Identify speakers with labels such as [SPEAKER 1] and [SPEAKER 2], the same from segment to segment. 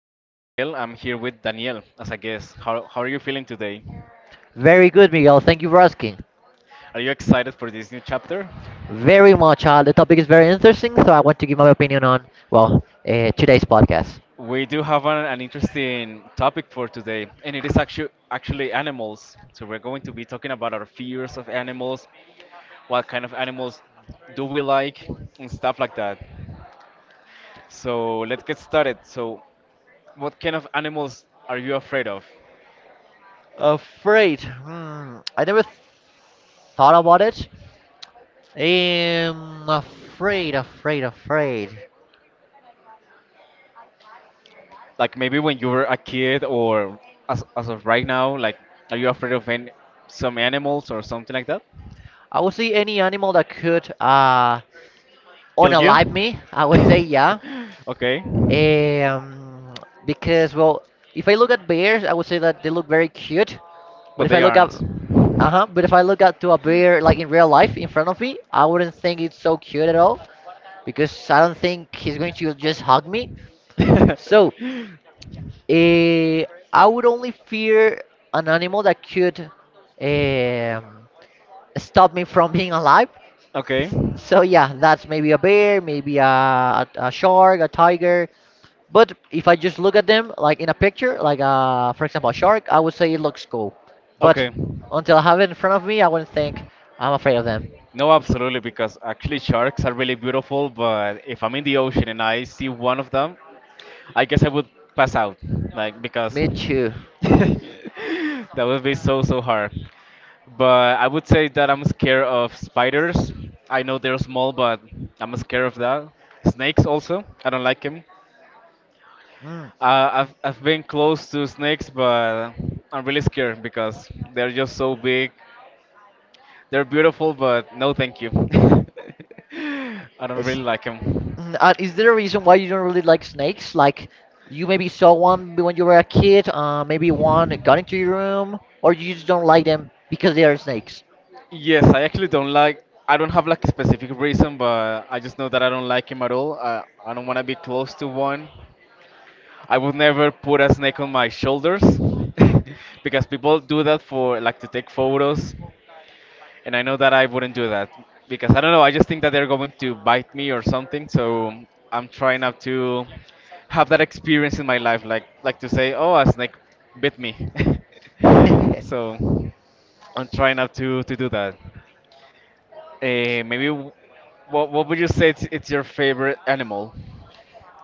[SPEAKER 1] This is Miguel. I'm here with Daniel as a guest. How are you feeling today?
[SPEAKER 2] Very good, Miguel. Thank you for asking.
[SPEAKER 1] Are you excited for this new chapter?
[SPEAKER 2] Very much. The topic is very interesting, so I want to give my opinion on, today's podcast.
[SPEAKER 1] We do have an interesting topic for today, and it is actually animals. So we're going to be talking about our fears of animals, what kind of animals do we like, and stuff like that. So let's get started. So, what kind of animals are you afraid of?
[SPEAKER 2] Afraid. Hmm. I never thought about it. Afraid, afraid, afraid.
[SPEAKER 1] Like maybe when you were a kid or as of right now, like are you afraid of some animals or something like that?
[SPEAKER 2] I would say any animal that could
[SPEAKER 1] Kill you?
[SPEAKER 2] unalive me. I would say yeah.
[SPEAKER 1] Okay.
[SPEAKER 2] Um, because if I look at bears, I would say that they look very cute. But
[SPEAKER 1] But
[SPEAKER 2] if I
[SPEAKER 1] they
[SPEAKER 2] look at
[SPEAKER 1] aren't.
[SPEAKER 2] to a bear like in real life in front of me, I wouldn't think it's so cute at all because I don't think he's going to just hug me. So, eh, I would only fear an animal that could um, stop me from being alive.
[SPEAKER 1] Okay.
[SPEAKER 2] So yeah, that's maybe a bear, maybe a shark, a tiger, but if I just look at them like in a picture, like for example, a shark, I would say it looks cool. But
[SPEAKER 1] Okay.
[SPEAKER 2] until I have it in front of me, I wouldn't think I'm afraid of them.
[SPEAKER 1] No, absolutely, because actually sharks are really beautiful, but if I'm in the ocean and I see one of them, I guess I would pass out, like because
[SPEAKER 2] Me too.
[SPEAKER 1] that would be so hard. But I would say that I'm scared of spiders. I know they're small, but I'm scared of that. Snakes also, I don't like them.
[SPEAKER 2] Mm.
[SPEAKER 1] I've been close to snakes, but I'm really scared because they're just so big. They're beautiful, but no, thank you. I don't
[SPEAKER 2] It's,
[SPEAKER 1] really like him.
[SPEAKER 2] is there a reason why you don't really like snakes? Like you maybe saw one when you were a kid, maybe one got into your room, or you just don't like them because they are snakes.
[SPEAKER 1] Yes, I actually don't like. I don't have like a specific reason, but I just know that I don't like him at all. I don't want to be close to one. I would never put a snake on my shoulders because people do that for like to take photos. And I know that I wouldn't do that because I don't know. I just think that they're going to bite me or something. So I'm trying not to have that experience in my life, like to say, "Oh, a snake bit me." So I'm trying not to do that. Maybe what would you say it's your favorite animal?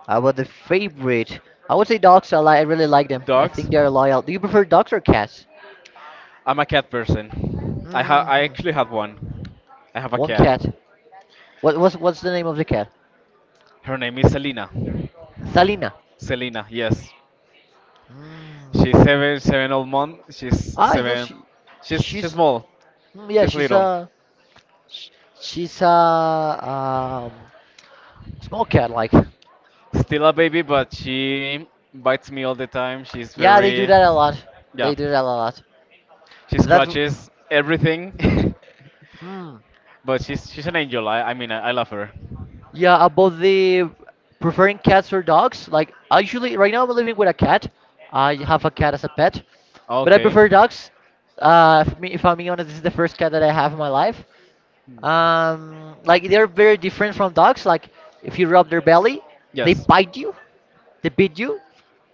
[SPEAKER 2] About the favorite, I would say dogs. I really like them. I
[SPEAKER 1] Dogs?
[SPEAKER 2] think they're loyal. Do you prefer dogs or cats?
[SPEAKER 1] I'm a cat person. I
[SPEAKER 2] Hmm.
[SPEAKER 1] actually have one. I have a
[SPEAKER 2] One
[SPEAKER 1] cat.
[SPEAKER 2] cat. What's the name of the cat?
[SPEAKER 1] Her name is Selena.
[SPEAKER 2] Salina.
[SPEAKER 1] Selena, yes.
[SPEAKER 2] Mm.
[SPEAKER 1] She's seven old month. She's
[SPEAKER 2] Ah, I know
[SPEAKER 1] seven.
[SPEAKER 2] she.
[SPEAKER 1] She's
[SPEAKER 2] She's
[SPEAKER 1] small.
[SPEAKER 2] mm, yeah.
[SPEAKER 1] She's
[SPEAKER 2] She's
[SPEAKER 1] little.
[SPEAKER 2] a sh- she's a small cat like.
[SPEAKER 1] Still a baby, but she bites me all the time. She's
[SPEAKER 2] Yeah, they do
[SPEAKER 1] very,
[SPEAKER 2] that a lot.
[SPEAKER 1] yeah.
[SPEAKER 2] They do that a lot.
[SPEAKER 1] She
[SPEAKER 2] That
[SPEAKER 1] scratches everything,
[SPEAKER 2] hmm.
[SPEAKER 1] but she's an angel. I mean I love her.
[SPEAKER 2] Yeah, about the preferring cats or dogs. Like actually, right now I'm living with a cat. I have a cat as a pet, but I
[SPEAKER 1] Okay.
[SPEAKER 2] prefer dogs. If I'm being honest, this is the first cat that I have in my life.
[SPEAKER 1] Hmm.
[SPEAKER 2] Like they're very different from dogs. Like if you rub their belly, they
[SPEAKER 1] Yes.
[SPEAKER 2] bite you, they beat you,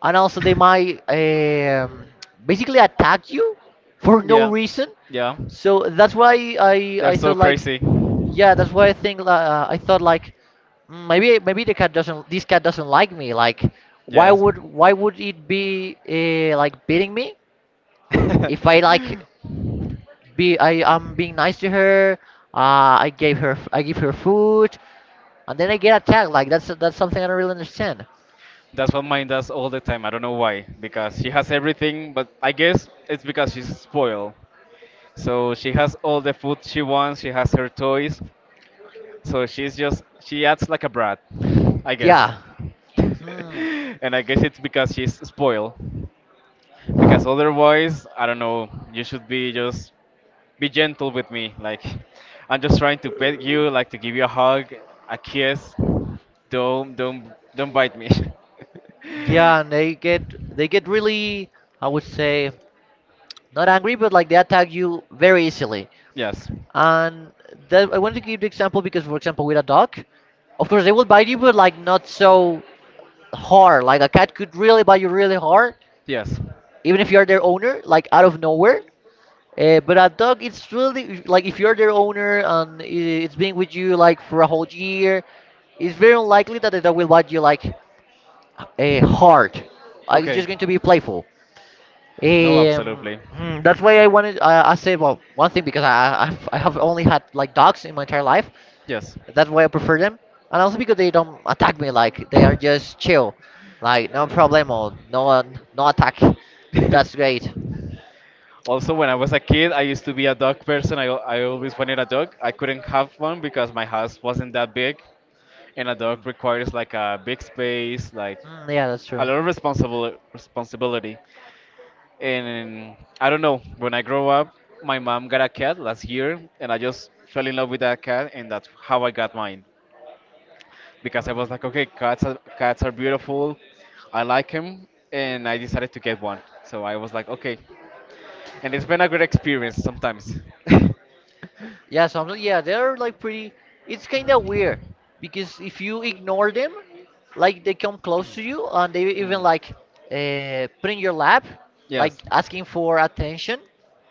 [SPEAKER 2] and also they might basically attack you for no
[SPEAKER 1] Yeah.
[SPEAKER 2] reason.
[SPEAKER 1] Yeah.
[SPEAKER 2] So that's why I
[SPEAKER 1] They're
[SPEAKER 2] I
[SPEAKER 1] so
[SPEAKER 2] thought like,
[SPEAKER 1] crazy.
[SPEAKER 2] yeah, that's why I think I thought like "Mm, maybe the cat doesn't this cat doesn't like me. Like why
[SPEAKER 1] Yes.
[SPEAKER 2] would why would it be like beating me if I like be I am being nice to her. I give her food, and then I get attacked. Like that's something I don't really understand.
[SPEAKER 1] That's what mine does all the time. I don't know why. Because she has everything, but I guess it's because she's spoiled. So she has all the food she wants, she has her toys. So she's just, she acts like a brat, I guess.
[SPEAKER 2] Yeah, hmm.
[SPEAKER 1] And I guess it's because she's spoiled. Because otherwise, I don't know, you should be just be gentle with me. Like, I'm just trying to pet you, like to give you a hug, a kiss. Don't bite me.
[SPEAKER 2] Yeah, and they get they get really I would say not angry, but like they attack you very easily.
[SPEAKER 1] Yes,
[SPEAKER 2] And that, I wanted to give the example because, for example, with a dog, of course they will bite you, but like not so hard. Like a cat could really bite you really hard,
[SPEAKER 1] yes.
[SPEAKER 2] even if you are their owner, like out of nowhere. But a dog, it's really like if you're their owner and it's been with you like for a whole year, it's very unlikely that the dog will bite you like hard. Like it's just
[SPEAKER 1] Okay.
[SPEAKER 2] going to be playful.
[SPEAKER 1] No, absolutely.
[SPEAKER 2] Hmm, that's why I wanted. I said well, one thing because I have only had like dogs in my entire life.
[SPEAKER 1] Yes.
[SPEAKER 2] That's why I prefer them, and also because they don't attack me. Like they are just chill, like no problemo, no attack. That's great.
[SPEAKER 1] Also, when I was a kid, I used to be a dog person. I always wanted a dog. I couldn't have one because my house wasn't that big, and a dog requires like a big space, like
[SPEAKER 2] Mm, yeah, that's
[SPEAKER 1] a
[SPEAKER 2] true.
[SPEAKER 1] lot of responsible responsibility. And I don't know. When I grow up, my mom got a cat last year, and I just fell in love with that cat, and that's how I got mine. Because I was like,
[SPEAKER 2] Mm.
[SPEAKER 1] okay, cats are beautiful. I like him, and I decided to get one. So I was like, okay, and it's been a good experience sometimes.
[SPEAKER 2] Yeah, sometimes yeah, they're like pretty. It's kind of weird because if you ignore them, like they come close to you and they even
[SPEAKER 1] Mm.
[SPEAKER 2] like put in your lap, like
[SPEAKER 1] Yes.
[SPEAKER 2] asking for attention.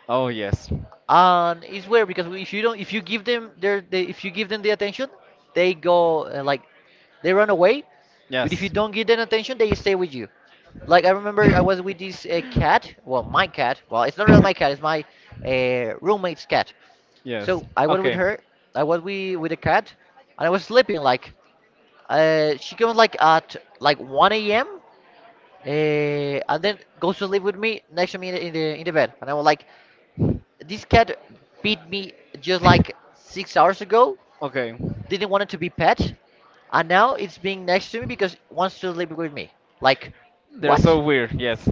[SPEAKER 1] Oh yes.
[SPEAKER 2] And it's weird because if you give them if you give them the attention, they go like they run away. But if you
[SPEAKER 1] Yes.
[SPEAKER 2] don't give them attention, they stay with you. Like I remember, I was with this cat. Well, my cat. Well, it's not really my cat. It's my roommate's cat.
[SPEAKER 1] Yes.
[SPEAKER 2] So I went with
[SPEAKER 1] Okay.
[SPEAKER 2] her. I went with the cat, and I was sleeping. Like, she comes like at like 1 a.m. Uh, and then goes to sleep with me next to me in the bed. And I was like, this cat beat me just like 6 hours ago.
[SPEAKER 1] Okay.
[SPEAKER 2] Didn't want it to be pet, and now it's being next to me because it wants to sleep with me. Like,
[SPEAKER 1] They're so
[SPEAKER 2] what?
[SPEAKER 1] weird, yes.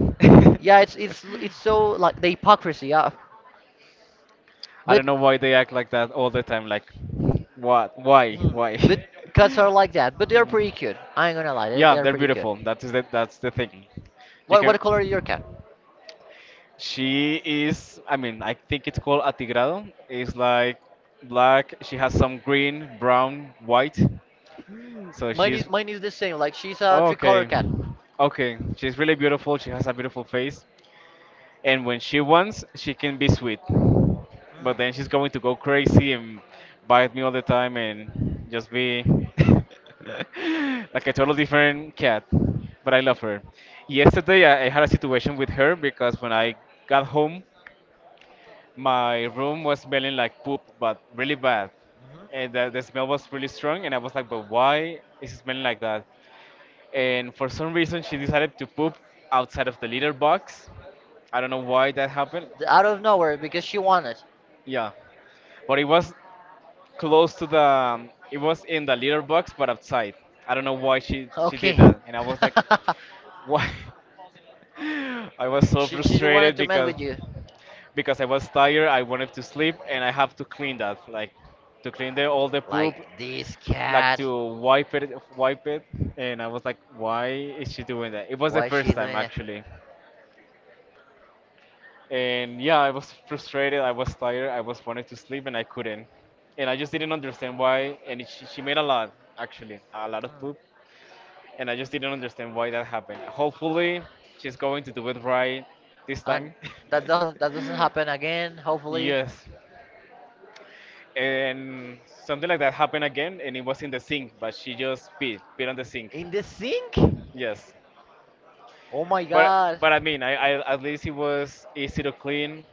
[SPEAKER 2] Yeah, it's so like the hypocrisy. Yeah,
[SPEAKER 1] I
[SPEAKER 2] but
[SPEAKER 1] don't know why they act like that all the time. Like, what? Why?
[SPEAKER 2] hmm. But
[SPEAKER 1] Why?
[SPEAKER 2] cats are like that, but they're pretty cute. I ain't gonna lie,
[SPEAKER 1] Yeah,
[SPEAKER 2] they're
[SPEAKER 1] they're
[SPEAKER 2] pretty cute.
[SPEAKER 1] beautiful. That is that's the thing. You
[SPEAKER 2] What
[SPEAKER 1] can.
[SPEAKER 2] color is your cat?
[SPEAKER 1] She is. I mean, I think it's called atigrado. It's like black. She has some green, brown, white.
[SPEAKER 2] Hmm.
[SPEAKER 1] So
[SPEAKER 2] Mine is
[SPEAKER 1] she's.
[SPEAKER 2] mine is the same. Like she's a three color
[SPEAKER 1] Okay.
[SPEAKER 2] cat.
[SPEAKER 1] Okay. She's really beautiful. She has a beautiful face. And when she wants, she can be sweet. But then
[SPEAKER 2] Hmm.
[SPEAKER 1] she's going to go crazy and bite me all the time and just be like a total different cat. But I love her. Yesterday, I had a situation with her because when I got home, my room was smelling like poop, but really bad.
[SPEAKER 2] Mhm.
[SPEAKER 1] And the smell was really strong, and I was like, but why is it smelling like that? And for some reason, she decided to poop outside of the litter box. I don't know why that happened.
[SPEAKER 2] Out of nowhere because she wanted.
[SPEAKER 1] Yeah, but it was close to the. It was in the litter box, but outside. I don't know why she did
[SPEAKER 2] Okay.
[SPEAKER 1] that, and I was like, why? I was so
[SPEAKER 2] She just wanted
[SPEAKER 1] frustrated
[SPEAKER 2] to mess with you.
[SPEAKER 1] because I was tired. I wanted to sleep, and I have to clean that, like to clean the all the poop,
[SPEAKER 2] Like this
[SPEAKER 1] like
[SPEAKER 2] cat.
[SPEAKER 1] to wipe it, wipe it. And I was like, why is she doing that? It was the
[SPEAKER 2] Why is
[SPEAKER 1] first
[SPEAKER 2] she
[SPEAKER 1] time
[SPEAKER 2] doing it?
[SPEAKER 1] actually. And yeah, I was frustrated. I was tired. I was wanted to sleep, and I couldn't. And I just didn't understand why. And it, she made a lot, actually, a lot of
[SPEAKER 2] Hmm.
[SPEAKER 1] poop. And I just didn't understand why that happened. Hopefully, she's going to do it right this
[SPEAKER 2] And
[SPEAKER 1] time.
[SPEAKER 2] that doesn't that doesn't happen again. Hopefully.
[SPEAKER 1] Yes. And something like that happened again, and it was in the sink, but she just peed on the sink.
[SPEAKER 2] In the sink?
[SPEAKER 1] Yes.
[SPEAKER 2] Oh my
[SPEAKER 1] But
[SPEAKER 2] God.
[SPEAKER 1] but I mean, I at least it was easy to clean.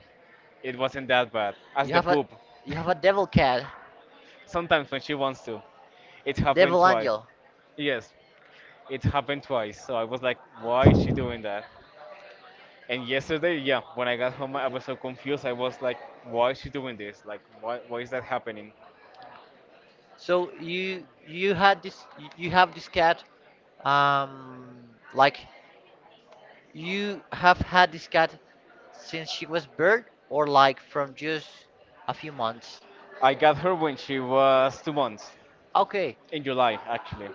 [SPEAKER 1] It wasn't that bad as
[SPEAKER 2] You
[SPEAKER 1] the
[SPEAKER 2] have a
[SPEAKER 1] poop.
[SPEAKER 2] you have a devil cat.
[SPEAKER 1] Sometimes when she wants to. It happened
[SPEAKER 2] Devil
[SPEAKER 1] twice.
[SPEAKER 2] angel.
[SPEAKER 1] Yes, it happened twice. So I was like, why is she doing that? And yesterday, yeah, when I got home, I was so confused. I was like, why is she doing this? Like, why is that happening?
[SPEAKER 2] So you have this cat um like you have had this cat since she was birth or like from just a few months.
[SPEAKER 1] I got her when she was 2 months,
[SPEAKER 2] Okay.
[SPEAKER 1] in July, actually.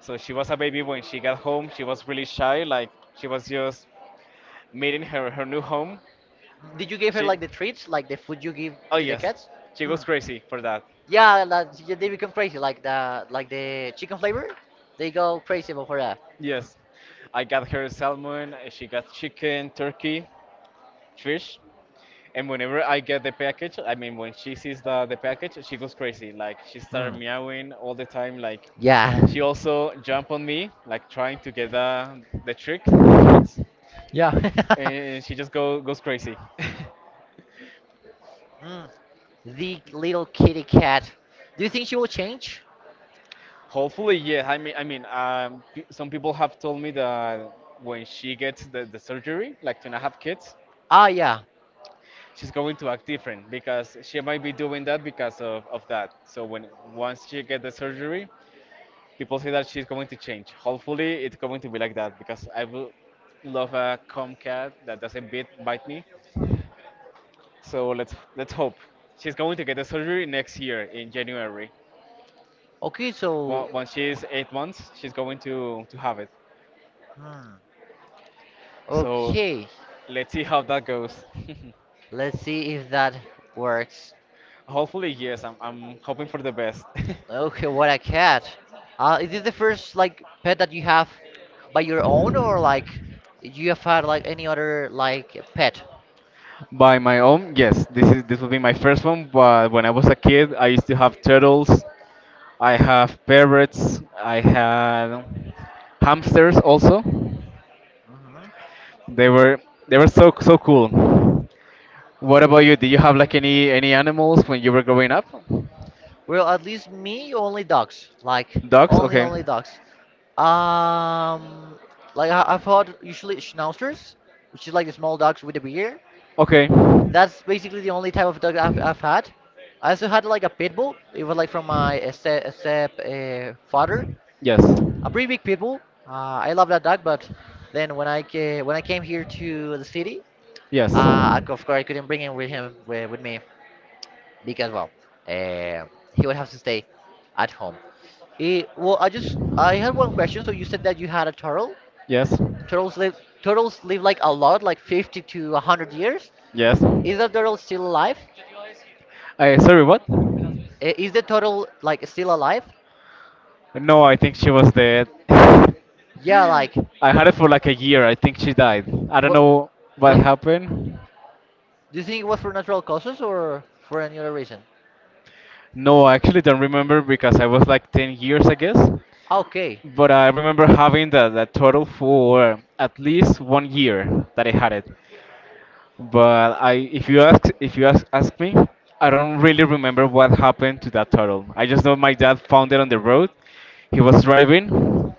[SPEAKER 1] So she was a baby when she got home. She was really shy, like, she was just meeting her new home.
[SPEAKER 2] Mm, did you give her
[SPEAKER 1] She,
[SPEAKER 2] like the treats, like the food you give
[SPEAKER 1] oh,
[SPEAKER 2] to the
[SPEAKER 1] yes,
[SPEAKER 2] cats?
[SPEAKER 1] she goes
[SPEAKER 2] Mm.
[SPEAKER 1] crazy for that.
[SPEAKER 2] Yeah, that, yeah, they become crazy like the chicken flavor. They go crazy over that.
[SPEAKER 1] Yes, I got her salmon, she got chicken, turkey, fish. And whenever I get the package, I mean, when she sees the package, she goes crazy. Like, she started
[SPEAKER 2] Mm.
[SPEAKER 1] meowing all the time. Like,
[SPEAKER 2] Yeah.
[SPEAKER 1] she also jumped on me, like, trying to get the tricks.
[SPEAKER 2] Yeah.
[SPEAKER 1] And she just goes crazy.
[SPEAKER 2] Mm. The little kitty cat. Do you think she will change?
[SPEAKER 1] Hopefully, yeah. Some people have told me that when she gets the surgery, like to not have kids,
[SPEAKER 2] Ah, yeah.
[SPEAKER 1] she's going to act different because she might be doing that because of that. So when once she get the surgery, people say that she's going to change. Hopefully, it's going to be like that because I will love a calm cat that doesn't bite me. So let's hope she's going to get the surgery next year in January.
[SPEAKER 2] Okay, so.
[SPEAKER 1] Once she's 8 months, she's going to have it.
[SPEAKER 2] Hmm.
[SPEAKER 1] So
[SPEAKER 2] Okay.
[SPEAKER 1] let's see how that goes.
[SPEAKER 2] Let's see if that works.
[SPEAKER 1] Hopefully, yes. I'm hoping for the best.
[SPEAKER 2] Okay, what a cat. Is this the first like pet that you have by your own, or like you have had like any other like pet?
[SPEAKER 1] By my own, yes. This will be my first one. But when I was a kid, I used to have turtles. I have parrots. I had hamsters also.
[SPEAKER 2] Hmm.
[SPEAKER 1] They were they were so cool. What about you? Did you have like any animals when you were growing up?
[SPEAKER 2] Well, at least me only dogs. Like
[SPEAKER 1] Dogs?
[SPEAKER 2] only
[SPEAKER 1] Okay.
[SPEAKER 2] only dogs. Um, like I've had usually schnauzers, which is like the small dogs with a beard.
[SPEAKER 1] Okay.
[SPEAKER 2] That's basically the only type of dog I've had. I also had like a pit bull. It was like from my step, step father,
[SPEAKER 1] Yes.
[SPEAKER 2] a pretty big pit bull. I love that dog, but then when when I came here to the city,
[SPEAKER 1] Yes.
[SPEAKER 2] I, of course I couldn't bring him with me because well, he would have to stay at home. I had one question. So you said that you had a turtle.
[SPEAKER 1] Yes.
[SPEAKER 2] Turtles live turtles live like a lot, like 50 to 100 years.
[SPEAKER 1] Yes.
[SPEAKER 2] Is that turtle still alive?
[SPEAKER 1] I sorry, what?
[SPEAKER 2] Is the turtle like still alive?
[SPEAKER 1] No, I think she was dead.
[SPEAKER 2] Yeah, like
[SPEAKER 1] I had it for like a year. I think she died. I don't
[SPEAKER 2] what?
[SPEAKER 1] know what
[SPEAKER 2] What
[SPEAKER 1] happened.
[SPEAKER 2] do you think, it was for natural causes or for any other reason?
[SPEAKER 1] No, I actually don't remember because I was like 10 years, I guess.
[SPEAKER 2] Okay.
[SPEAKER 1] But I remember having the total for at least one year that I had it. But I, if you ask me, I don't really remember what happened to that turtle. I just know my dad found it on the road. He was driving,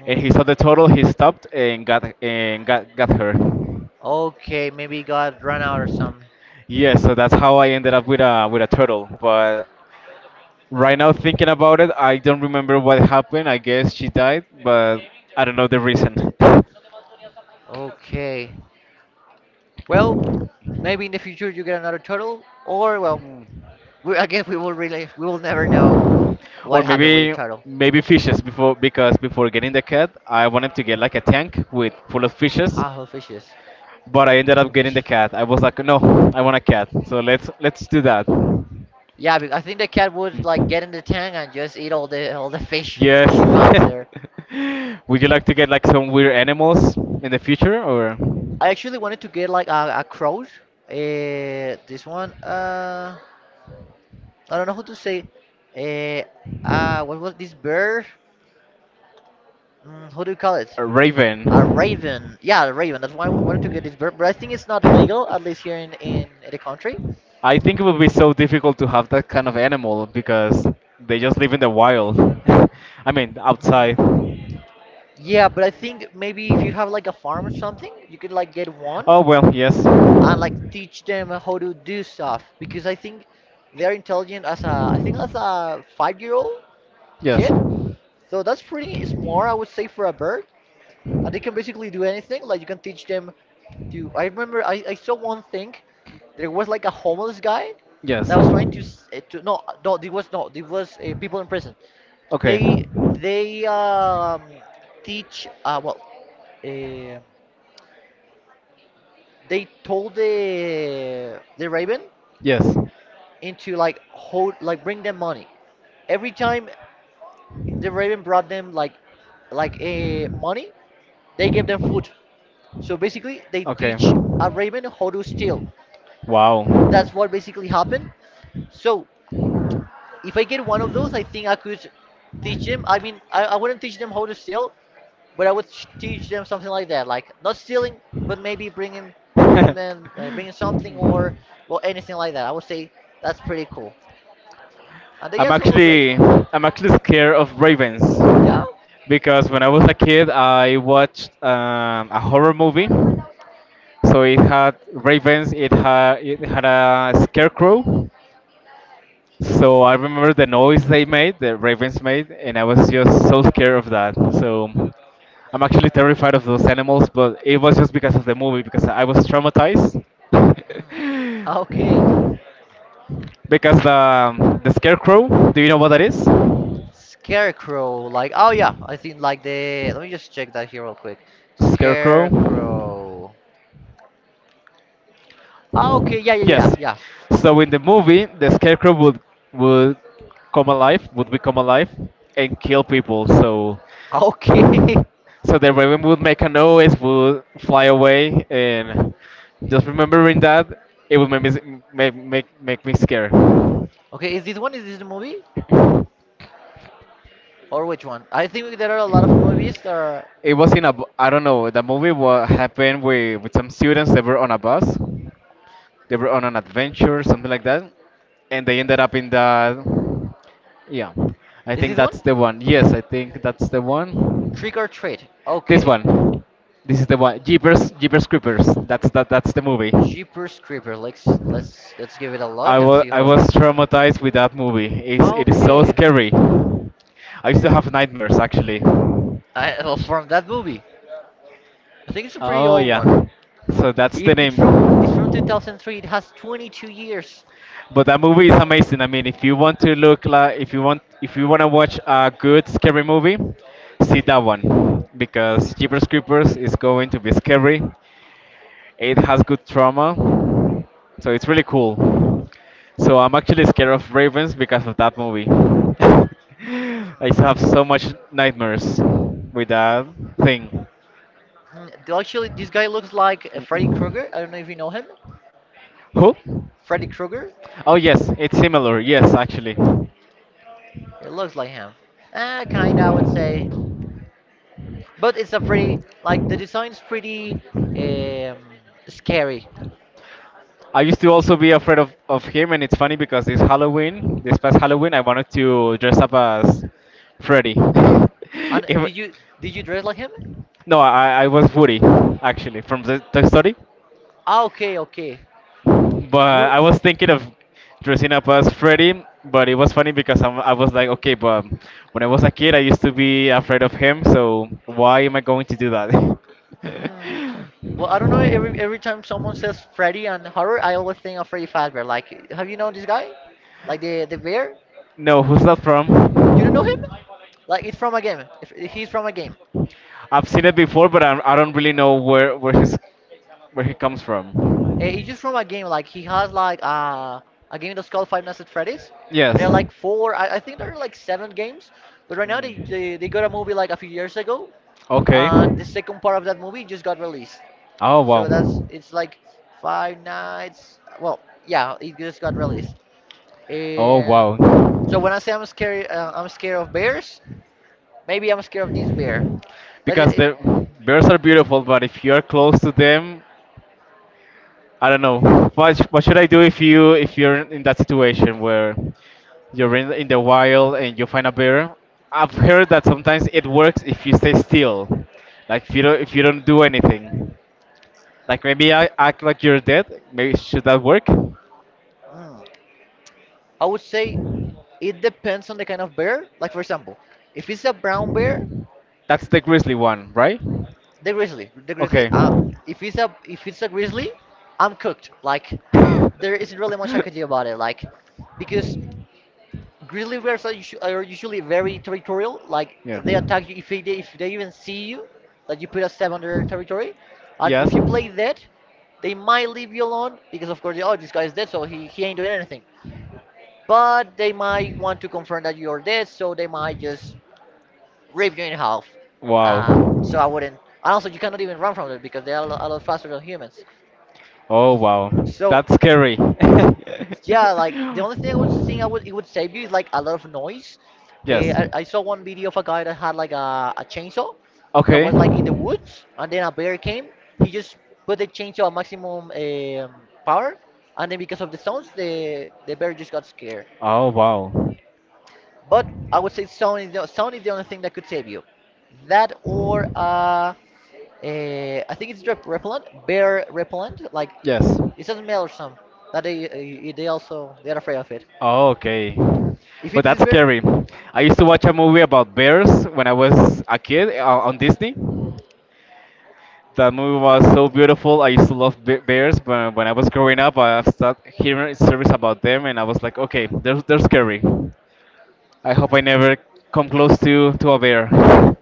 [SPEAKER 2] Hmm.
[SPEAKER 1] and he saw the turtle. He stopped and got her.
[SPEAKER 2] Okay, maybe it got run out or something.
[SPEAKER 1] Yeah, so that's how I ended up with a turtle. But right now, thinking about it, I don't remember what happened. I guess she died, but I don't know the reason.
[SPEAKER 2] Okay. Well, maybe in the future you get another turtle, or well, I guess we will really we will never know
[SPEAKER 1] Or
[SPEAKER 2] what happened with the
[SPEAKER 1] maybe
[SPEAKER 2] turtle.
[SPEAKER 1] maybe fishes before because before getting the cat, I wanted to get like a tank with full of fishes,
[SPEAKER 2] Ah, who fishes?
[SPEAKER 1] but I ended up
[SPEAKER 2] Who
[SPEAKER 1] getting
[SPEAKER 2] fish?
[SPEAKER 1] the cat. I was like, no, I want a cat. So let's do that. Mm.
[SPEAKER 2] Yeah, I think the cat would like get in the tank and just eat all the fish
[SPEAKER 1] Yes.
[SPEAKER 2] she finds there.
[SPEAKER 1] Would you like to get like some weird animals in the future or
[SPEAKER 2] I actually wanted to get like a cross. This one. I don't know how to say. Uh, what was this bird? Mm, how do you call it?
[SPEAKER 1] a raven?
[SPEAKER 2] A raven. Yeah, a raven. That's why I wanted to get this bird. But I think it's not legal, at least here in the country.
[SPEAKER 1] I think it would be so difficult to have that kind of animal because they just live in the wild. I mean,
[SPEAKER 2] Hmm.
[SPEAKER 1] outside.
[SPEAKER 2] Yeah, but I think maybe if you have like a farm or something, you could like get one
[SPEAKER 1] Oh well, yes.
[SPEAKER 2] and like teach them how to do stuff because I think they're intelligent as a I think as a 5-year-old old
[SPEAKER 1] Yes.
[SPEAKER 2] kid. So that's pretty smart, I would say, for a bird. They can basically do anything. Like you can teach them to. I remember I saw one thing. There was like a homeless guy that
[SPEAKER 1] Yes.
[SPEAKER 2] was trying to s- eh, to no no there was no there was people in prison.
[SPEAKER 1] Okay.
[SPEAKER 2] They they teach uh, they told the raven
[SPEAKER 1] Yes.
[SPEAKER 2] into like hold like bring them money. Every time the raven brought them like money, they gave them food. So basically, they
[SPEAKER 1] Okay.
[SPEAKER 2] teach a raven how to steal.
[SPEAKER 1] Wow.
[SPEAKER 2] That's what basically happened. So if I get one of those, I think I could teach them. I mean, I wouldn't teach them how to steal, but I would teach them something like that, like not stealing, but maybe bringing them, bringing something or well anything like that. I would say that's pretty cool, and they
[SPEAKER 1] I'm
[SPEAKER 2] also look great.
[SPEAKER 1] actually I'm actually scared of ravens
[SPEAKER 2] Yeah.
[SPEAKER 1] because when I was a kid I watched a horror movie. So it had ravens, it had a scarecrow. So I remember the noise they made, the ravens made, and I was just so scared of that. So I'm actually terrified of those animals, but it was just because of the movie because I was traumatized.
[SPEAKER 2] Okay.
[SPEAKER 1] Because the scarecrow, do you know what that is?
[SPEAKER 2] Scarecrow, like oh yeah, I think like the. Let me just check that here real quick.
[SPEAKER 1] Scarecrow.
[SPEAKER 2] Scarecrow. Ah, okay, yeah, yeah, yeah,
[SPEAKER 1] Yes.
[SPEAKER 2] yeah.
[SPEAKER 1] So in the movie, the Scarecrow would would come alive, would become alive, and kill people. So,
[SPEAKER 2] Okay,
[SPEAKER 1] so the Raven would make a noise, would fly away, and just remembering that it would make me make me scared.
[SPEAKER 2] okay. Is this one? Is this the movie, or which one? I think there are a lot of movies that are.
[SPEAKER 1] It was in I don't know the movie what happened with some students that were on a bus. They were on an adventure, something like that, and they ended up in the. Yeah, I
[SPEAKER 2] Is
[SPEAKER 1] think
[SPEAKER 2] this one?
[SPEAKER 1] that's the one. Yes, I think that's the one.
[SPEAKER 2] Trick or Treat.
[SPEAKER 1] This
[SPEAKER 2] Okay.
[SPEAKER 1] one. This is the one. Jeepers Creepers. That's that. That's the movie.
[SPEAKER 2] Jeepers Creepers. Let's give it a look and see
[SPEAKER 1] I
[SPEAKER 2] how.
[SPEAKER 1] was traumatized with that movie. It is so
[SPEAKER 2] Okay.
[SPEAKER 1] scary. I used to have nightmares actually.
[SPEAKER 2] Well, from that movie, I think it's a pretty
[SPEAKER 1] Oh
[SPEAKER 2] old one.
[SPEAKER 1] yeah. So that's the
[SPEAKER 2] It,
[SPEAKER 1] name.
[SPEAKER 2] it's from 2003. It has 22 years.
[SPEAKER 1] But that movie is amazing. I mean, if you want to look like, if you want to watch a good scary movie, see that one because Jeepers Creepers is going to be scary. It has good trauma, so it's really cool. So I'm actually scared of ravens because of that movie. I used to
[SPEAKER 2] Hmm.
[SPEAKER 1] have so much nightmares with that thing.
[SPEAKER 2] Hmm, actually, this guy looks like Freddy
[SPEAKER 1] Mm-mm.
[SPEAKER 2] Krueger. I don't know if you know him.
[SPEAKER 1] Who?
[SPEAKER 2] Freddy Krueger.
[SPEAKER 1] Oh yes, it's similar. Yes, actually.
[SPEAKER 2] It looks like him. Kinda, I would say. But it's a pretty like the design's pretty um, scary.
[SPEAKER 1] I used to also be afraid of him, and it's funny because this Halloween, this past Halloween, I wanted to dress up as Freddy.
[SPEAKER 2] And
[SPEAKER 1] If-
[SPEAKER 2] did you dress like him?
[SPEAKER 1] no, I was Woody, actually, from the Toy Story.
[SPEAKER 2] Ah, okay, okay.
[SPEAKER 1] But
[SPEAKER 2] Wo-
[SPEAKER 1] I was thinking of dressing up as Freddy, but it was funny because I was like, okay, but when I was a kid, I used to be afraid of him, so why am I going to do that?
[SPEAKER 2] hmm. Well, I don't know. Every every time someone says Freddy and horror, I always think of Freddy Fazbear. Like, have you known this guy? Like the bear?
[SPEAKER 1] No, who's that
[SPEAKER 2] You don't
[SPEAKER 1] from?
[SPEAKER 2] know him? Like it's from a game. He's from a game.
[SPEAKER 1] I've seen it before, but I don't really know where his where he comes from.
[SPEAKER 2] It's just from a game like he has like a game that's called Five Nights at Freddy's. And there
[SPEAKER 1] Yes.
[SPEAKER 2] are like four. I think there are like seven games. But right now they got a movie
[SPEAKER 1] Mm.
[SPEAKER 2] like a few years ago.
[SPEAKER 1] Okay.
[SPEAKER 2] The second part of that movie just got released.
[SPEAKER 1] Oh
[SPEAKER 2] So that's
[SPEAKER 1] wow.
[SPEAKER 2] it's like Five Nights. Well, yeah, it just got released.
[SPEAKER 1] Oh
[SPEAKER 2] And
[SPEAKER 1] wow.
[SPEAKER 2] so when I say I'm scared of bears. Maybe I'm scared of this bear. But it,
[SPEAKER 1] Because
[SPEAKER 2] it
[SPEAKER 1] the bears are beautiful, but if you are close to them, I don't know. What should I do if you if you're in that situation where you're in the wild and you find a bear? I've heard that sometimes it works if you stay still, like if you don't do anything, like maybe I act like you're dead. Maybe should that work?
[SPEAKER 2] mm. I would say it depends on the kind of bear. Like for example, if it's a brown bear,
[SPEAKER 1] That's the grizzly one, right?
[SPEAKER 2] the grizzly.
[SPEAKER 1] Okay.
[SPEAKER 2] If it's a grizzly, I'm cooked. Like there isn't really much I could do about it. Like because grizzly bears are, are usually very territorial. Like
[SPEAKER 1] Yeah.
[SPEAKER 2] they attack you if they even see you, that you put a step on their territory, and
[SPEAKER 1] Yes.
[SPEAKER 2] if you play dead, they might leave you alone because of course oh this guy is dead so he ain't doing anything. But they might want to confirm that you're dead, so they might just rip you in half. So I
[SPEAKER 1] Wow.
[SPEAKER 2] wouldn't. And also, you cannot even run from them because they are a lot faster than humans.
[SPEAKER 1] Oh, wow.
[SPEAKER 2] So
[SPEAKER 1] That's scary.
[SPEAKER 2] yeah, like the only thing I would think I would it would save you is like a lot of noise.
[SPEAKER 1] Yes.
[SPEAKER 2] I saw one video of a guy that had like a chainsaw that
[SPEAKER 1] Okay.
[SPEAKER 2] was like in the woods, and then a bear came. He just put the chainsaw at maximum power, and then because of the sounds, the bear just got scared.
[SPEAKER 1] Oh, wow.
[SPEAKER 2] But I would say sound is the only thing that could save you. That or I think it's drip repellent, bear repellent. Like
[SPEAKER 1] Yes.
[SPEAKER 2] it doesn't matter some that they eh, they also they are afraid of it.
[SPEAKER 1] Oh, okay.
[SPEAKER 2] If
[SPEAKER 1] But
[SPEAKER 2] it is
[SPEAKER 1] that's
[SPEAKER 2] bear,
[SPEAKER 1] scary. I used to watch a movie about bears when I was a kid on Disney. That movie was so beautiful. I used to love bears, but when I was growing up, I started hearing stories about them, and I was like, okay, they're scary. I hope I never come close to a bear.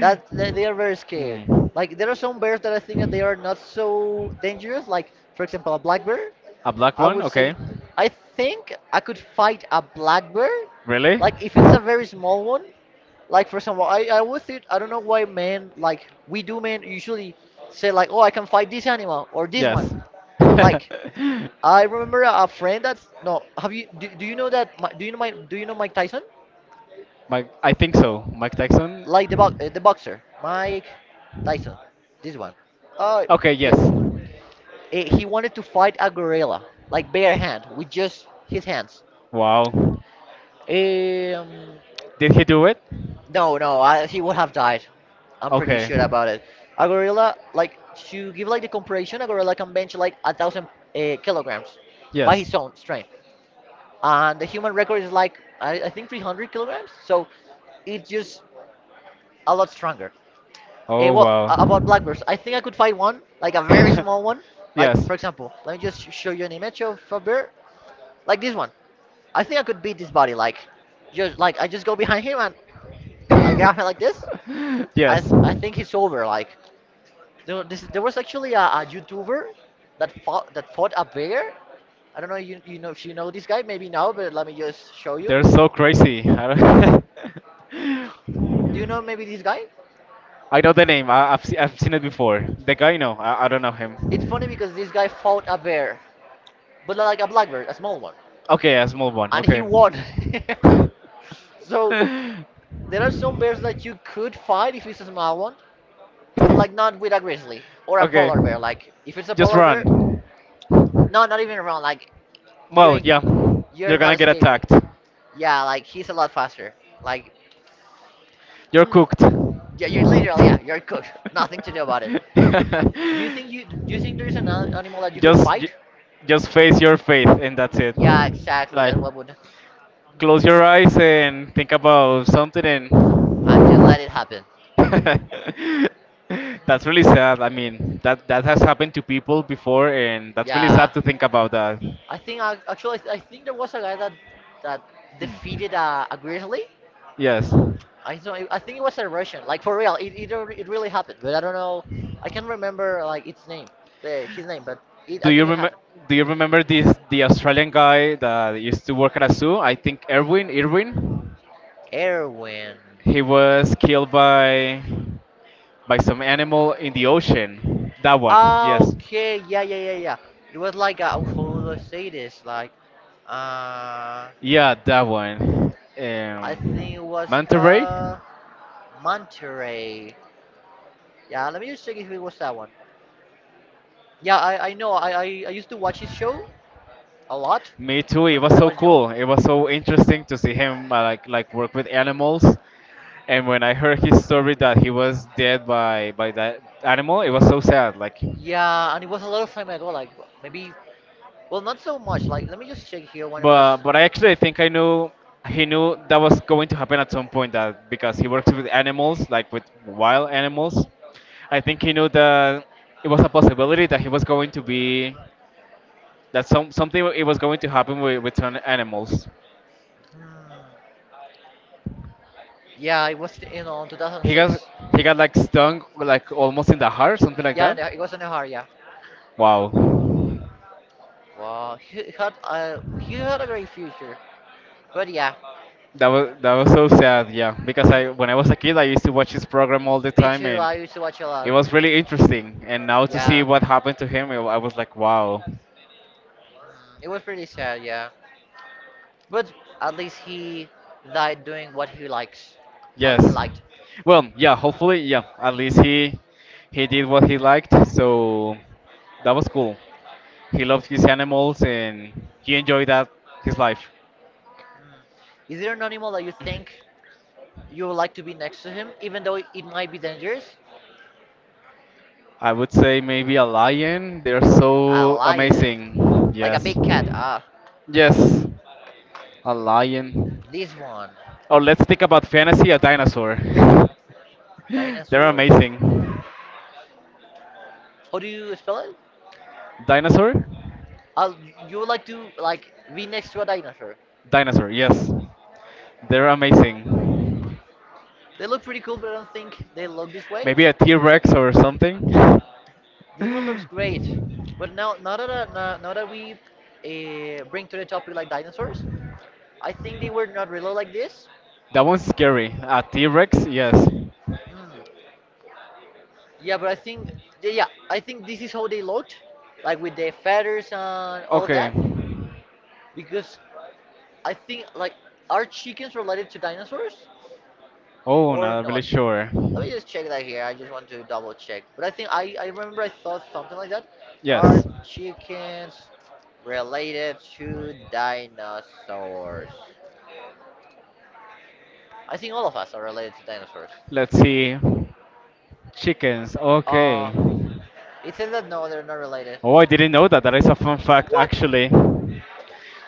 [SPEAKER 2] that they are very scared.
[SPEAKER 1] Hmm.
[SPEAKER 2] Like there are some bears that I think that they are not so dangerous. Like for example a black bear.
[SPEAKER 1] A black
[SPEAKER 2] I
[SPEAKER 1] one?
[SPEAKER 2] would say
[SPEAKER 1] Okay.
[SPEAKER 2] I think I could fight a blackbird.
[SPEAKER 1] Really?
[SPEAKER 2] Like if it's a very small one. Like for example, I would think I don't know why men like we do men usually say like oh I can fight this animal or this one.
[SPEAKER 1] Yes.
[SPEAKER 2] Like I remember a friend that's no have you do you know that do you know my do you know Mike Tyson?
[SPEAKER 1] Mike, I think so. Mike Tyson.
[SPEAKER 2] Like the boxer Mike Tyson. This one. Uh,
[SPEAKER 1] Okay. Yes.
[SPEAKER 2] him. Eh, he wanted to fight a gorilla like bare hand with just his hands.
[SPEAKER 1] Wow.
[SPEAKER 2] Um,
[SPEAKER 1] Did he do it?
[SPEAKER 2] No, no, I, he would have died. I'm pretty
[SPEAKER 1] Okay.
[SPEAKER 2] sure about it. A gorilla, like to give like the comparison, a gorilla can bench like a thousand kilograms by
[SPEAKER 1] Yes.
[SPEAKER 2] his own strength, and the human record is like I think 300 kilograms. So it's just a lot stronger. Eh,
[SPEAKER 1] Oh
[SPEAKER 2] well,
[SPEAKER 1] wow.
[SPEAKER 2] about black bears, I think I could fight one, like a very small one. Like
[SPEAKER 1] Yes.
[SPEAKER 2] for example, let me just show you an image of a bear, like this one. I think I could beat this body, like just like I just go behind him and I grab him like this.
[SPEAKER 1] Yes.
[SPEAKER 2] I think he's over, like there, this, there was actually a YouTuber that fought a bear. I don't know you know if you know this guy, maybe now, but let me just show
[SPEAKER 1] They're
[SPEAKER 2] you.
[SPEAKER 1] so crazy. I don't-
[SPEAKER 2] Do you know maybe this guy?
[SPEAKER 1] I know the name. I've seen it before. The guy, no, I don't know
[SPEAKER 2] It's
[SPEAKER 1] him.
[SPEAKER 2] funny because this guy fought a bear, but like a black bear, a small one,
[SPEAKER 1] Okay, a small one.
[SPEAKER 2] and he
[SPEAKER 1] Okay.
[SPEAKER 2] won. So there are some bears that you could fight if it's a small one, but like not with a grizzly or a
[SPEAKER 1] Okay.
[SPEAKER 2] polar bear. Like if it's a
[SPEAKER 1] Just
[SPEAKER 2] polar bear,
[SPEAKER 1] run.
[SPEAKER 2] no, not even around. Like you
[SPEAKER 1] Well,
[SPEAKER 2] ain't,
[SPEAKER 1] yeah.
[SPEAKER 2] you're
[SPEAKER 1] You're
[SPEAKER 2] not
[SPEAKER 1] gonna get
[SPEAKER 2] escaping.
[SPEAKER 1] attacked.
[SPEAKER 2] Yeah, like he's a lot faster. Like.
[SPEAKER 1] You're
[SPEAKER 2] Hmm,
[SPEAKER 1] cooked.
[SPEAKER 2] yeah, you're literally yeah, you're cooked. Nothing to do about it. Do you think there's an animal that you could
[SPEAKER 1] just
[SPEAKER 2] fight?
[SPEAKER 1] ju- just face your faith and that's it.
[SPEAKER 2] Yeah, exactly.
[SPEAKER 1] Like
[SPEAKER 2] That's what would
[SPEAKER 1] close your eyes and think about something and
[SPEAKER 2] and just let it happen.
[SPEAKER 1] that's really sad. I mean, that has happened to people before and that's really
[SPEAKER 2] Yeah,
[SPEAKER 1] sad to think about that.
[SPEAKER 2] I think there was a guy that that
[SPEAKER 1] Mm.
[SPEAKER 2] defeated a grizzly.
[SPEAKER 1] Yes.
[SPEAKER 2] I don't, I think it was a Russian. Like for real, it really happened. But I don't know. I can't remember like its name, his name, but it,
[SPEAKER 1] Do
[SPEAKER 2] I
[SPEAKER 1] you
[SPEAKER 2] think it
[SPEAKER 1] remember?
[SPEAKER 2] happened.
[SPEAKER 1] Do you remember this the Australian guy that used to work at a zoo? I think Erwin. Irwin.
[SPEAKER 2] Erwin.
[SPEAKER 1] He was killed by some animal in the ocean. That one.
[SPEAKER 2] Ah,
[SPEAKER 1] Yes.
[SPEAKER 2] okay, yeah, yeah, yeah, yeah. It was like a, how should I say this? Like, uh,
[SPEAKER 1] Yeah, that one.
[SPEAKER 2] I think it was
[SPEAKER 1] Manta Ray.
[SPEAKER 2] Monterey. Yeah, let me just check if it was that one. Yeah, I know. I used to watch his show a lot
[SPEAKER 1] Me too. It was
[SPEAKER 2] when I
[SPEAKER 1] so
[SPEAKER 2] was young.
[SPEAKER 1] cool. It was so interesting to see him like work with animals. And when I heard his story that he was dead by that animal, it was so sad. Like.
[SPEAKER 2] Yeah, and it was a lot of time ago. Like maybe, well, not so much. Like let me just check here when it was.
[SPEAKER 1] But I actually think I knew he knew that was going to happen at some point that because he works with animals, like with wild animals. I think he knew that it was a possibility that he was going to be that some something it was going to happen with some animals.
[SPEAKER 2] Hmm. Yeah, it was you know in
[SPEAKER 1] He got
[SPEAKER 2] 2006.
[SPEAKER 1] like stung like almost in the heart, something like
[SPEAKER 2] Yeah, and
[SPEAKER 1] that.
[SPEAKER 2] it was in a hurry. Yeah.
[SPEAKER 1] Wow.
[SPEAKER 2] Wow, he had a great future. But yeah,
[SPEAKER 1] That was so sad, yeah. Because I
[SPEAKER 2] mm,
[SPEAKER 1] when I was a kid I used to watch his program all the
[SPEAKER 2] me
[SPEAKER 1] time.
[SPEAKER 2] too.
[SPEAKER 1] And
[SPEAKER 2] I used to watch a
[SPEAKER 1] it
[SPEAKER 2] lot.
[SPEAKER 1] was really interesting, and now to see
[SPEAKER 2] Yeah,
[SPEAKER 1] what happened to him, I was like, wow.
[SPEAKER 2] mm, it was pretty sad. Yeah, but at least he died doing what he likes, what he
[SPEAKER 1] Yes.
[SPEAKER 2] liked.
[SPEAKER 1] Well, yeah. Hopefully, yeah. At least he did what he liked, so that was cool. He loved his animals and he enjoyed that his life.
[SPEAKER 2] Is there an animal that you think you would like to be next to him, even though it might be dangerous?
[SPEAKER 1] I would say maybe a lion. They're
[SPEAKER 2] A
[SPEAKER 1] so
[SPEAKER 2] lion,
[SPEAKER 1] amazing.
[SPEAKER 2] like a
[SPEAKER 1] Yes.
[SPEAKER 2] big cat. Ah,
[SPEAKER 1] Yes. A lion.
[SPEAKER 2] this one,
[SPEAKER 1] Or let's think about fantasy. A dinosaur. They're
[SPEAKER 2] dinosaurs.
[SPEAKER 1] amazing.
[SPEAKER 2] How do you spell it?
[SPEAKER 1] Dinosaur?
[SPEAKER 2] Uh, you would like to like be next to a dinosaur.
[SPEAKER 1] Dinosaur, yes. They're amazing.
[SPEAKER 2] They look pretty cool, but I don't think they look this way.
[SPEAKER 1] Maybe a T Rex or something.
[SPEAKER 2] This one looks
[SPEAKER 1] That
[SPEAKER 2] great, but now that we bring to the topic like dinosaurs, I think they were not really like this.
[SPEAKER 1] one's scary. A T Rex, yes.
[SPEAKER 2] Hmm. Yeah, but I think yeah, yeah, I think this is how they looked, like with their feathers and all that,
[SPEAKER 1] Okay.
[SPEAKER 2] because I think like are chickens related to dinosaurs
[SPEAKER 1] Oh,
[SPEAKER 2] or
[SPEAKER 1] not really
[SPEAKER 2] not?
[SPEAKER 1] sure.
[SPEAKER 2] Let me just check that here. I just want to double check. But I remember I thought something like that. Are
[SPEAKER 1] Yes.
[SPEAKER 2] chickens related to dinosaurs? I think all of us are related to dinosaurs.
[SPEAKER 1] Let's see. Chickens,
[SPEAKER 2] Uh,
[SPEAKER 1] okay.
[SPEAKER 2] it says that no, they're not related.
[SPEAKER 1] Oh, I didn't know that. That is a fun fact,
[SPEAKER 2] What?
[SPEAKER 1] actually.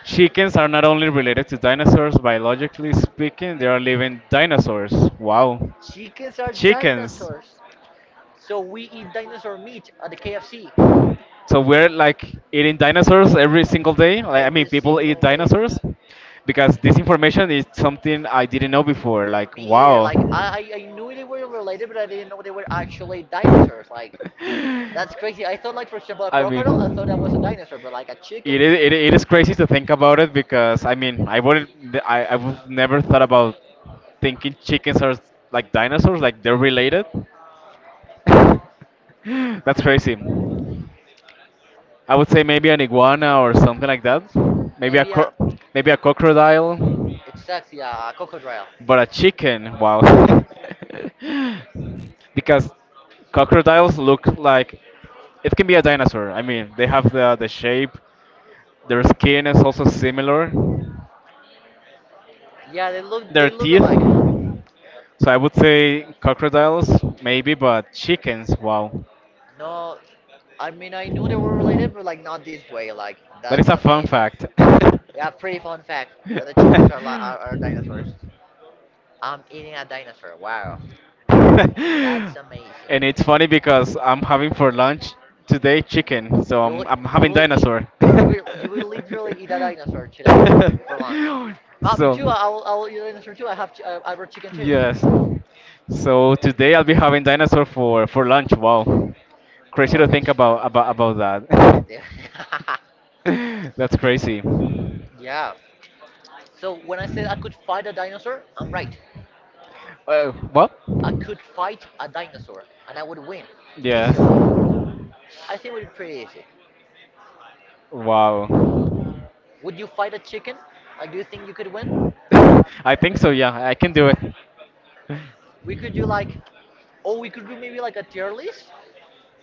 [SPEAKER 1] Chickens are not only related to dinosaurs biologically speaking, they are living dinosaurs. Wow.
[SPEAKER 2] Chickens are
[SPEAKER 1] Chickens.
[SPEAKER 2] dinosaurs. So we eat dinosaur meat at the KFC
[SPEAKER 1] So we're like eating dinosaurs every single day. Like, I
[SPEAKER 2] every
[SPEAKER 1] mean, people eat
[SPEAKER 2] single day.
[SPEAKER 1] dinosaurs because this information is something I didn't know before. Like,
[SPEAKER 2] Me either.
[SPEAKER 1] wow.
[SPEAKER 2] Like I knew they were related, but I didn't know they were actually dinosaurs. Like that's crazy. I thought like for example a
[SPEAKER 1] I
[SPEAKER 2] crocodile, I thought that was a
[SPEAKER 1] mean,
[SPEAKER 2] dinosaur, but like a chicken,
[SPEAKER 1] it is crazy to think about it because I mean, I would never thought about thinking chickens are like dinosaurs, like they're related. That's
[SPEAKER 2] they
[SPEAKER 1] crazy. I would say maybe an iguana or something like that. Maybe a
[SPEAKER 2] maybe a
[SPEAKER 1] cro- Maybe a crocodile,
[SPEAKER 2] exactly a crocodile.
[SPEAKER 1] but a chicken. Wow. Because crocodiles look like it can be a dinosaur. I mean, they have the shape. Their skin is also similar.
[SPEAKER 2] Yeah,
[SPEAKER 1] Their
[SPEAKER 2] they look
[SPEAKER 1] teeth.
[SPEAKER 2] alike.
[SPEAKER 1] So I would say crocodiles, maybe, but chickens, wow.
[SPEAKER 2] No, I mean I knew they were related, but like not this way. Like
[SPEAKER 1] That is
[SPEAKER 2] that's
[SPEAKER 1] a fun
[SPEAKER 2] amazing.
[SPEAKER 1] fact.
[SPEAKER 2] Yeah, pretty fun fact that the chickens are are dinosaurs. I'm eating a dinosaur. Wow,
[SPEAKER 1] And
[SPEAKER 2] that's amazing.
[SPEAKER 1] it's funny because I'm having for lunch today chicken, so
[SPEAKER 2] You will
[SPEAKER 1] I'm
[SPEAKER 2] you
[SPEAKER 1] having
[SPEAKER 2] will eat
[SPEAKER 1] dinosaur.
[SPEAKER 2] you will literally eat a dinosaur today for lunch. Oh, me too.
[SPEAKER 1] So
[SPEAKER 2] I will eat a dinosaur too. I have I brought chicken too.
[SPEAKER 1] yes, so today I'll be having dinosaur for lunch. Wow, crazy
[SPEAKER 2] Oh,
[SPEAKER 1] to
[SPEAKER 2] me
[SPEAKER 1] think
[SPEAKER 2] too.
[SPEAKER 1] about that.
[SPEAKER 2] Yeah.
[SPEAKER 1] That's crazy.
[SPEAKER 2] Yeah. So when I said I could fight a dinosaur, I'm right.
[SPEAKER 1] What?
[SPEAKER 2] I could fight a dinosaur and I would win
[SPEAKER 1] Yes.
[SPEAKER 2] easily. I think it would be pretty easy.
[SPEAKER 1] Wow.
[SPEAKER 2] Would you fight a chicken? Like, do you think you could win?
[SPEAKER 1] I think so. Yeah, I can do it.
[SPEAKER 2] We could do like, oh, we could do maybe like a tier list.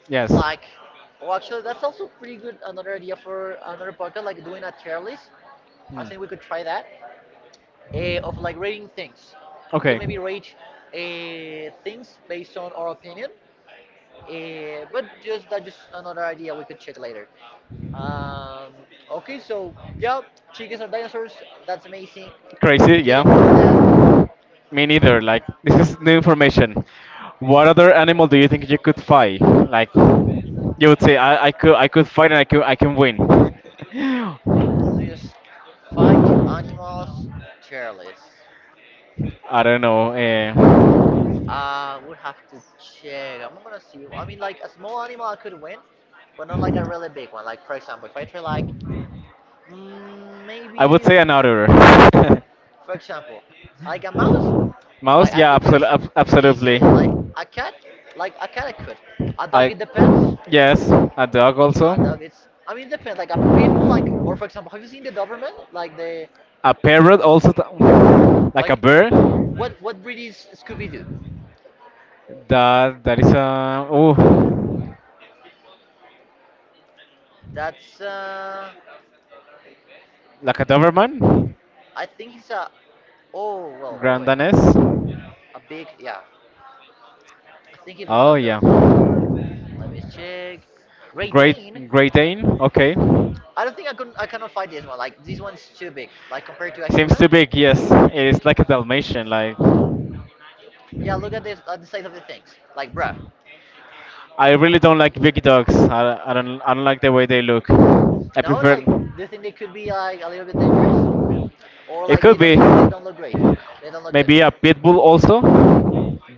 [SPEAKER 1] Yes.
[SPEAKER 2] Like, oh, actually, that's also pretty good. Another idea for another podcast, like doing a tier list. I
[SPEAKER 1] Hmm.
[SPEAKER 2] think we could try that. Of like rating things. We could
[SPEAKER 1] Okay.
[SPEAKER 2] maybe rate things based on our opinion. Eh, but just that, just another idea we could check later. Um, okay, so yeah, chickens are dinosaurs. That's amazing.
[SPEAKER 1] Crazy.
[SPEAKER 2] Didn't know
[SPEAKER 1] Yeah.
[SPEAKER 2] that.
[SPEAKER 1] Me neither. Like this is new information. What other animal do you think you could fight? Like you would say, I could fight and I can win.
[SPEAKER 2] Let me just fight animals tier list.
[SPEAKER 1] I don't know. Eh.
[SPEAKER 2] Would have to check. I'm gonna see. I mean, like a small animal I could win, but not like a really big one. Like for example, if I try like mm,
[SPEAKER 1] I would
[SPEAKER 2] maybe
[SPEAKER 1] say an otter.
[SPEAKER 2] for example, like a mouse,
[SPEAKER 1] Mouse?
[SPEAKER 2] like I
[SPEAKER 1] Yeah,
[SPEAKER 2] could just
[SPEAKER 1] absolutely.
[SPEAKER 2] easily. Like a cat, I kind of could. A dog,
[SPEAKER 1] I,
[SPEAKER 2] it depends.
[SPEAKER 1] yes, a dog
[SPEAKER 2] A
[SPEAKER 1] also,
[SPEAKER 2] dog, it's. I mean, it depends. Like a pit bull, like or for example, have you seen the Doberman? Like the,
[SPEAKER 1] a parrot also, like a
[SPEAKER 2] like
[SPEAKER 1] bird.
[SPEAKER 2] what breed is Scooby Doo?
[SPEAKER 1] That that is a oh,
[SPEAKER 2] That's
[SPEAKER 1] Like a Doberman,
[SPEAKER 2] I think he's a. Oh well, well
[SPEAKER 1] Grand
[SPEAKER 2] wait,
[SPEAKER 1] Danés.
[SPEAKER 2] a big yeah. I think he's one
[SPEAKER 1] Oh
[SPEAKER 2] of
[SPEAKER 1] yeah,
[SPEAKER 2] those. Let me check. Ray
[SPEAKER 1] Great
[SPEAKER 2] Dane.
[SPEAKER 1] Great Dane. Okay,
[SPEAKER 2] I don't think I could. I cannot find this one. Like this one's too big. Like compared to a
[SPEAKER 1] seems
[SPEAKER 2] human.
[SPEAKER 1] too big. Yes, it is like a Dalmatian, like.
[SPEAKER 2] Yeah, look at this. At the size of the things. Like bruh.
[SPEAKER 1] I really don't like big dogs. I don't like the way they look. I
[SPEAKER 2] No,
[SPEAKER 1] prefer.
[SPEAKER 2] like do you think they could be like a little bit dangerous, or
[SPEAKER 1] It
[SPEAKER 2] like they
[SPEAKER 1] could be
[SPEAKER 2] don't simply don't look great? They don't look good
[SPEAKER 1] maybe a pit bull also.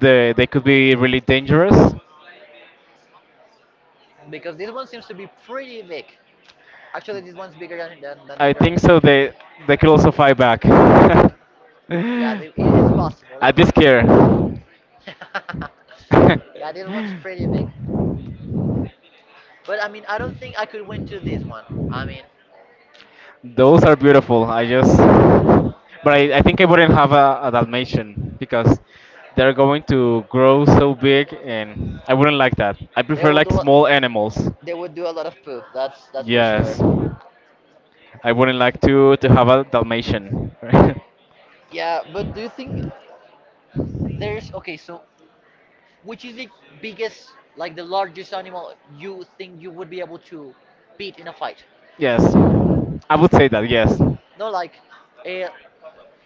[SPEAKER 1] They could be really dangerous.
[SPEAKER 2] because this one seems to be pretty big. Actually, this one's bigger than the
[SPEAKER 1] I
[SPEAKER 2] ground
[SPEAKER 1] think so.
[SPEAKER 2] effect.
[SPEAKER 1] They could also fight back.
[SPEAKER 2] Yeah, they, it's possible they
[SPEAKER 1] I'd be
[SPEAKER 2] might.
[SPEAKER 1] scared.
[SPEAKER 2] Yeah, this one's pretty big, but I mean, I don't think I could win to this one. I mean,
[SPEAKER 1] Those are beautiful. I just, but I think I wouldn't have a Dalmatian because they're going to grow so big, and I wouldn't like that. I
[SPEAKER 2] they
[SPEAKER 1] prefer
[SPEAKER 2] will
[SPEAKER 1] like
[SPEAKER 2] do
[SPEAKER 1] small animals.
[SPEAKER 2] they would do a lot of poop. That's for
[SPEAKER 1] Yes,
[SPEAKER 2] sure.
[SPEAKER 1] I wouldn't like to have a Dalmatian.
[SPEAKER 2] Yeah, but do you think there's okay? So, which is the biggest, like the largest animal you think you would be able to beat in a fight?
[SPEAKER 1] Yes, I would say that. Yes,
[SPEAKER 2] No, like, a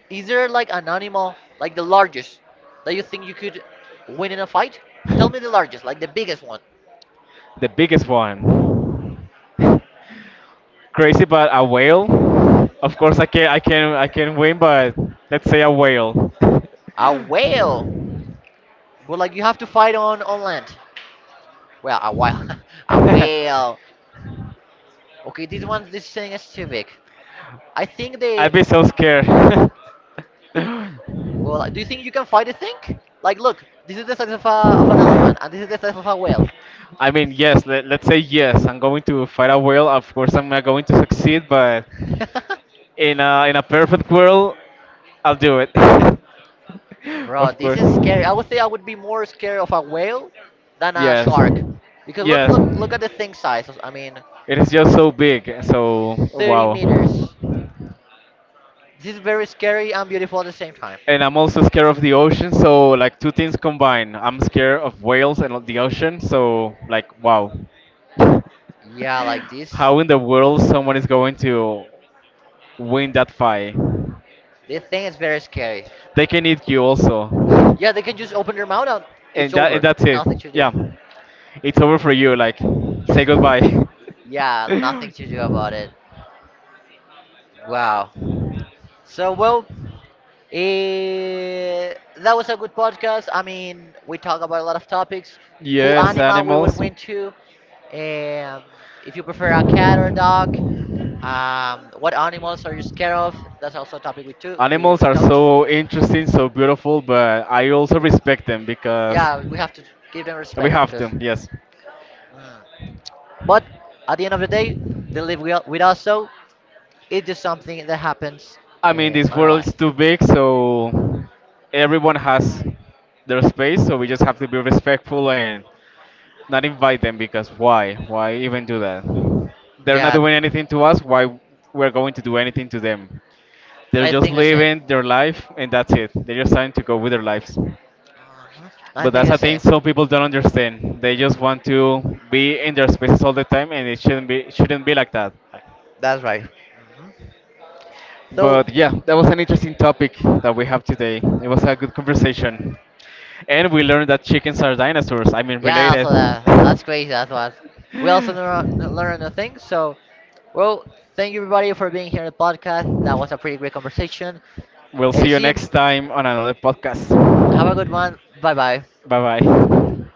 [SPEAKER 2] Is there like an animal, like the largest, that you think you could win in a fight? Tell me the largest, like the biggest one.
[SPEAKER 1] the biggest one. Crazy, but a whale. Of course, I can win, but let's say a whale.
[SPEAKER 2] A whale. But like you have to fight on land. Well, a whale, a whale. Okay, this one, this thing is too big. I think
[SPEAKER 1] I'd
[SPEAKER 2] they.
[SPEAKER 1] be so scared.
[SPEAKER 2] Well, do you think you can fight a thing? Like, look, this is the size of a, of an elephant, and this is the size of a whale.
[SPEAKER 1] I mean, yes, let's say yes, I'm going to fight a whale. Of course, I'm not going to succeed, but in a perfect world, I'll do it.
[SPEAKER 2] Bro,
[SPEAKER 1] Of
[SPEAKER 2] this
[SPEAKER 1] course.
[SPEAKER 2] is scary. I would say I would be more scared of a whale than a
[SPEAKER 1] Yes.
[SPEAKER 2] shark, because look,
[SPEAKER 1] Yes.
[SPEAKER 2] look, look at the thing size. I mean,
[SPEAKER 1] It is just so big, so
[SPEAKER 2] 30
[SPEAKER 1] wow.
[SPEAKER 2] meters. This is very scary and beautiful at the same time.
[SPEAKER 1] And I'm also scared of the ocean, so like two things combined. I'm scared of whales and of the ocean, so like wow.
[SPEAKER 2] Yeah, like this.
[SPEAKER 1] How in the world someone is going to win that fight?
[SPEAKER 2] This thing is very scary.
[SPEAKER 1] They can eat you also.
[SPEAKER 2] Yeah, they can just open their mouth and
[SPEAKER 1] And
[SPEAKER 2] it's
[SPEAKER 1] that and
[SPEAKER 2] over.
[SPEAKER 1] that's it.
[SPEAKER 2] Nothing to do.
[SPEAKER 1] Yeah. It's over for you, like say goodbye.
[SPEAKER 2] Yeah, nothing to do about it. Wow. So, well, that was a good podcast. I mean, we talk about a lot of topics. Who
[SPEAKER 1] Yes,
[SPEAKER 2] animal we would
[SPEAKER 1] animals.
[SPEAKER 2] win to. Um, if you prefer a cat or a dog. What animals are you scared of? That's also a topic we took. We,
[SPEAKER 1] Animals
[SPEAKER 2] we
[SPEAKER 1] are
[SPEAKER 2] touch.
[SPEAKER 1] so interesting, so beautiful, but I also respect them because
[SPEAKER 2] Yeah, we have to give them
[SPEAKER 1] we
[SPEAKER 2] respect
[SPEAKER 1] have
[SPEAKER 2] because.
[SPEAKER 1] them, yes.
[SPEAKER 2] Mm. But at the end of the day, they live with us, so it's just something that happens
[SPEAKER 1] I mean, this
[SPEAKER 2] on our
[SPEAKER 1] world is
[SPEAKER 2] life.
[SPEAKER 1] too big, so everyone has their space, so we just have to be respectful and not invite them because why? Why even do that? They're not
[SPEAKER 2] Yeah,
[SPEAKER 1] doing anything to us, why we're going to do anything to them? They're
[SPEAKER 2] I
[SPEAKER 1] just
[SPEAKER 2] think the same.
[SPEAKER 1] living their life and that's it. They're just trying to go with their lives.
[SPEAKER 2] Mhm. I
[SPEAKER 1] But
[SPEAKER 2] think
[SPEAKER 1] that's
[SPEAKER 2] the
[SPEAKER 1] a thing
[SPEAKER 2] same.
[SPEAKER 1] some people don't understand. They just want to be in their spaces all the time, and it shouldn't be like that.
[SPEAKER 2] That's right. Mhm. So
[SPEAKER 1] But yeah, that was an interesting topic that we have today. It was a good conversation, and we learned that chickens are dinosaurs. I mean,
[SPEAKER 2] yeah,
[SPEAKER 1] related.
[SPEAKER 2] also that that's crazy. That's what we also learn a thing. So well, thank you everybody for being here in the podcast. That was a pretty great conversation.
[SPEAKER 1] We'll see you
[SPEAKER 2] See you.
[SPEAKER 1] next time on another podcast.
[SPEAKER 2] Have a good one. Bye bye.
[SPEAKER 1] Bye bye.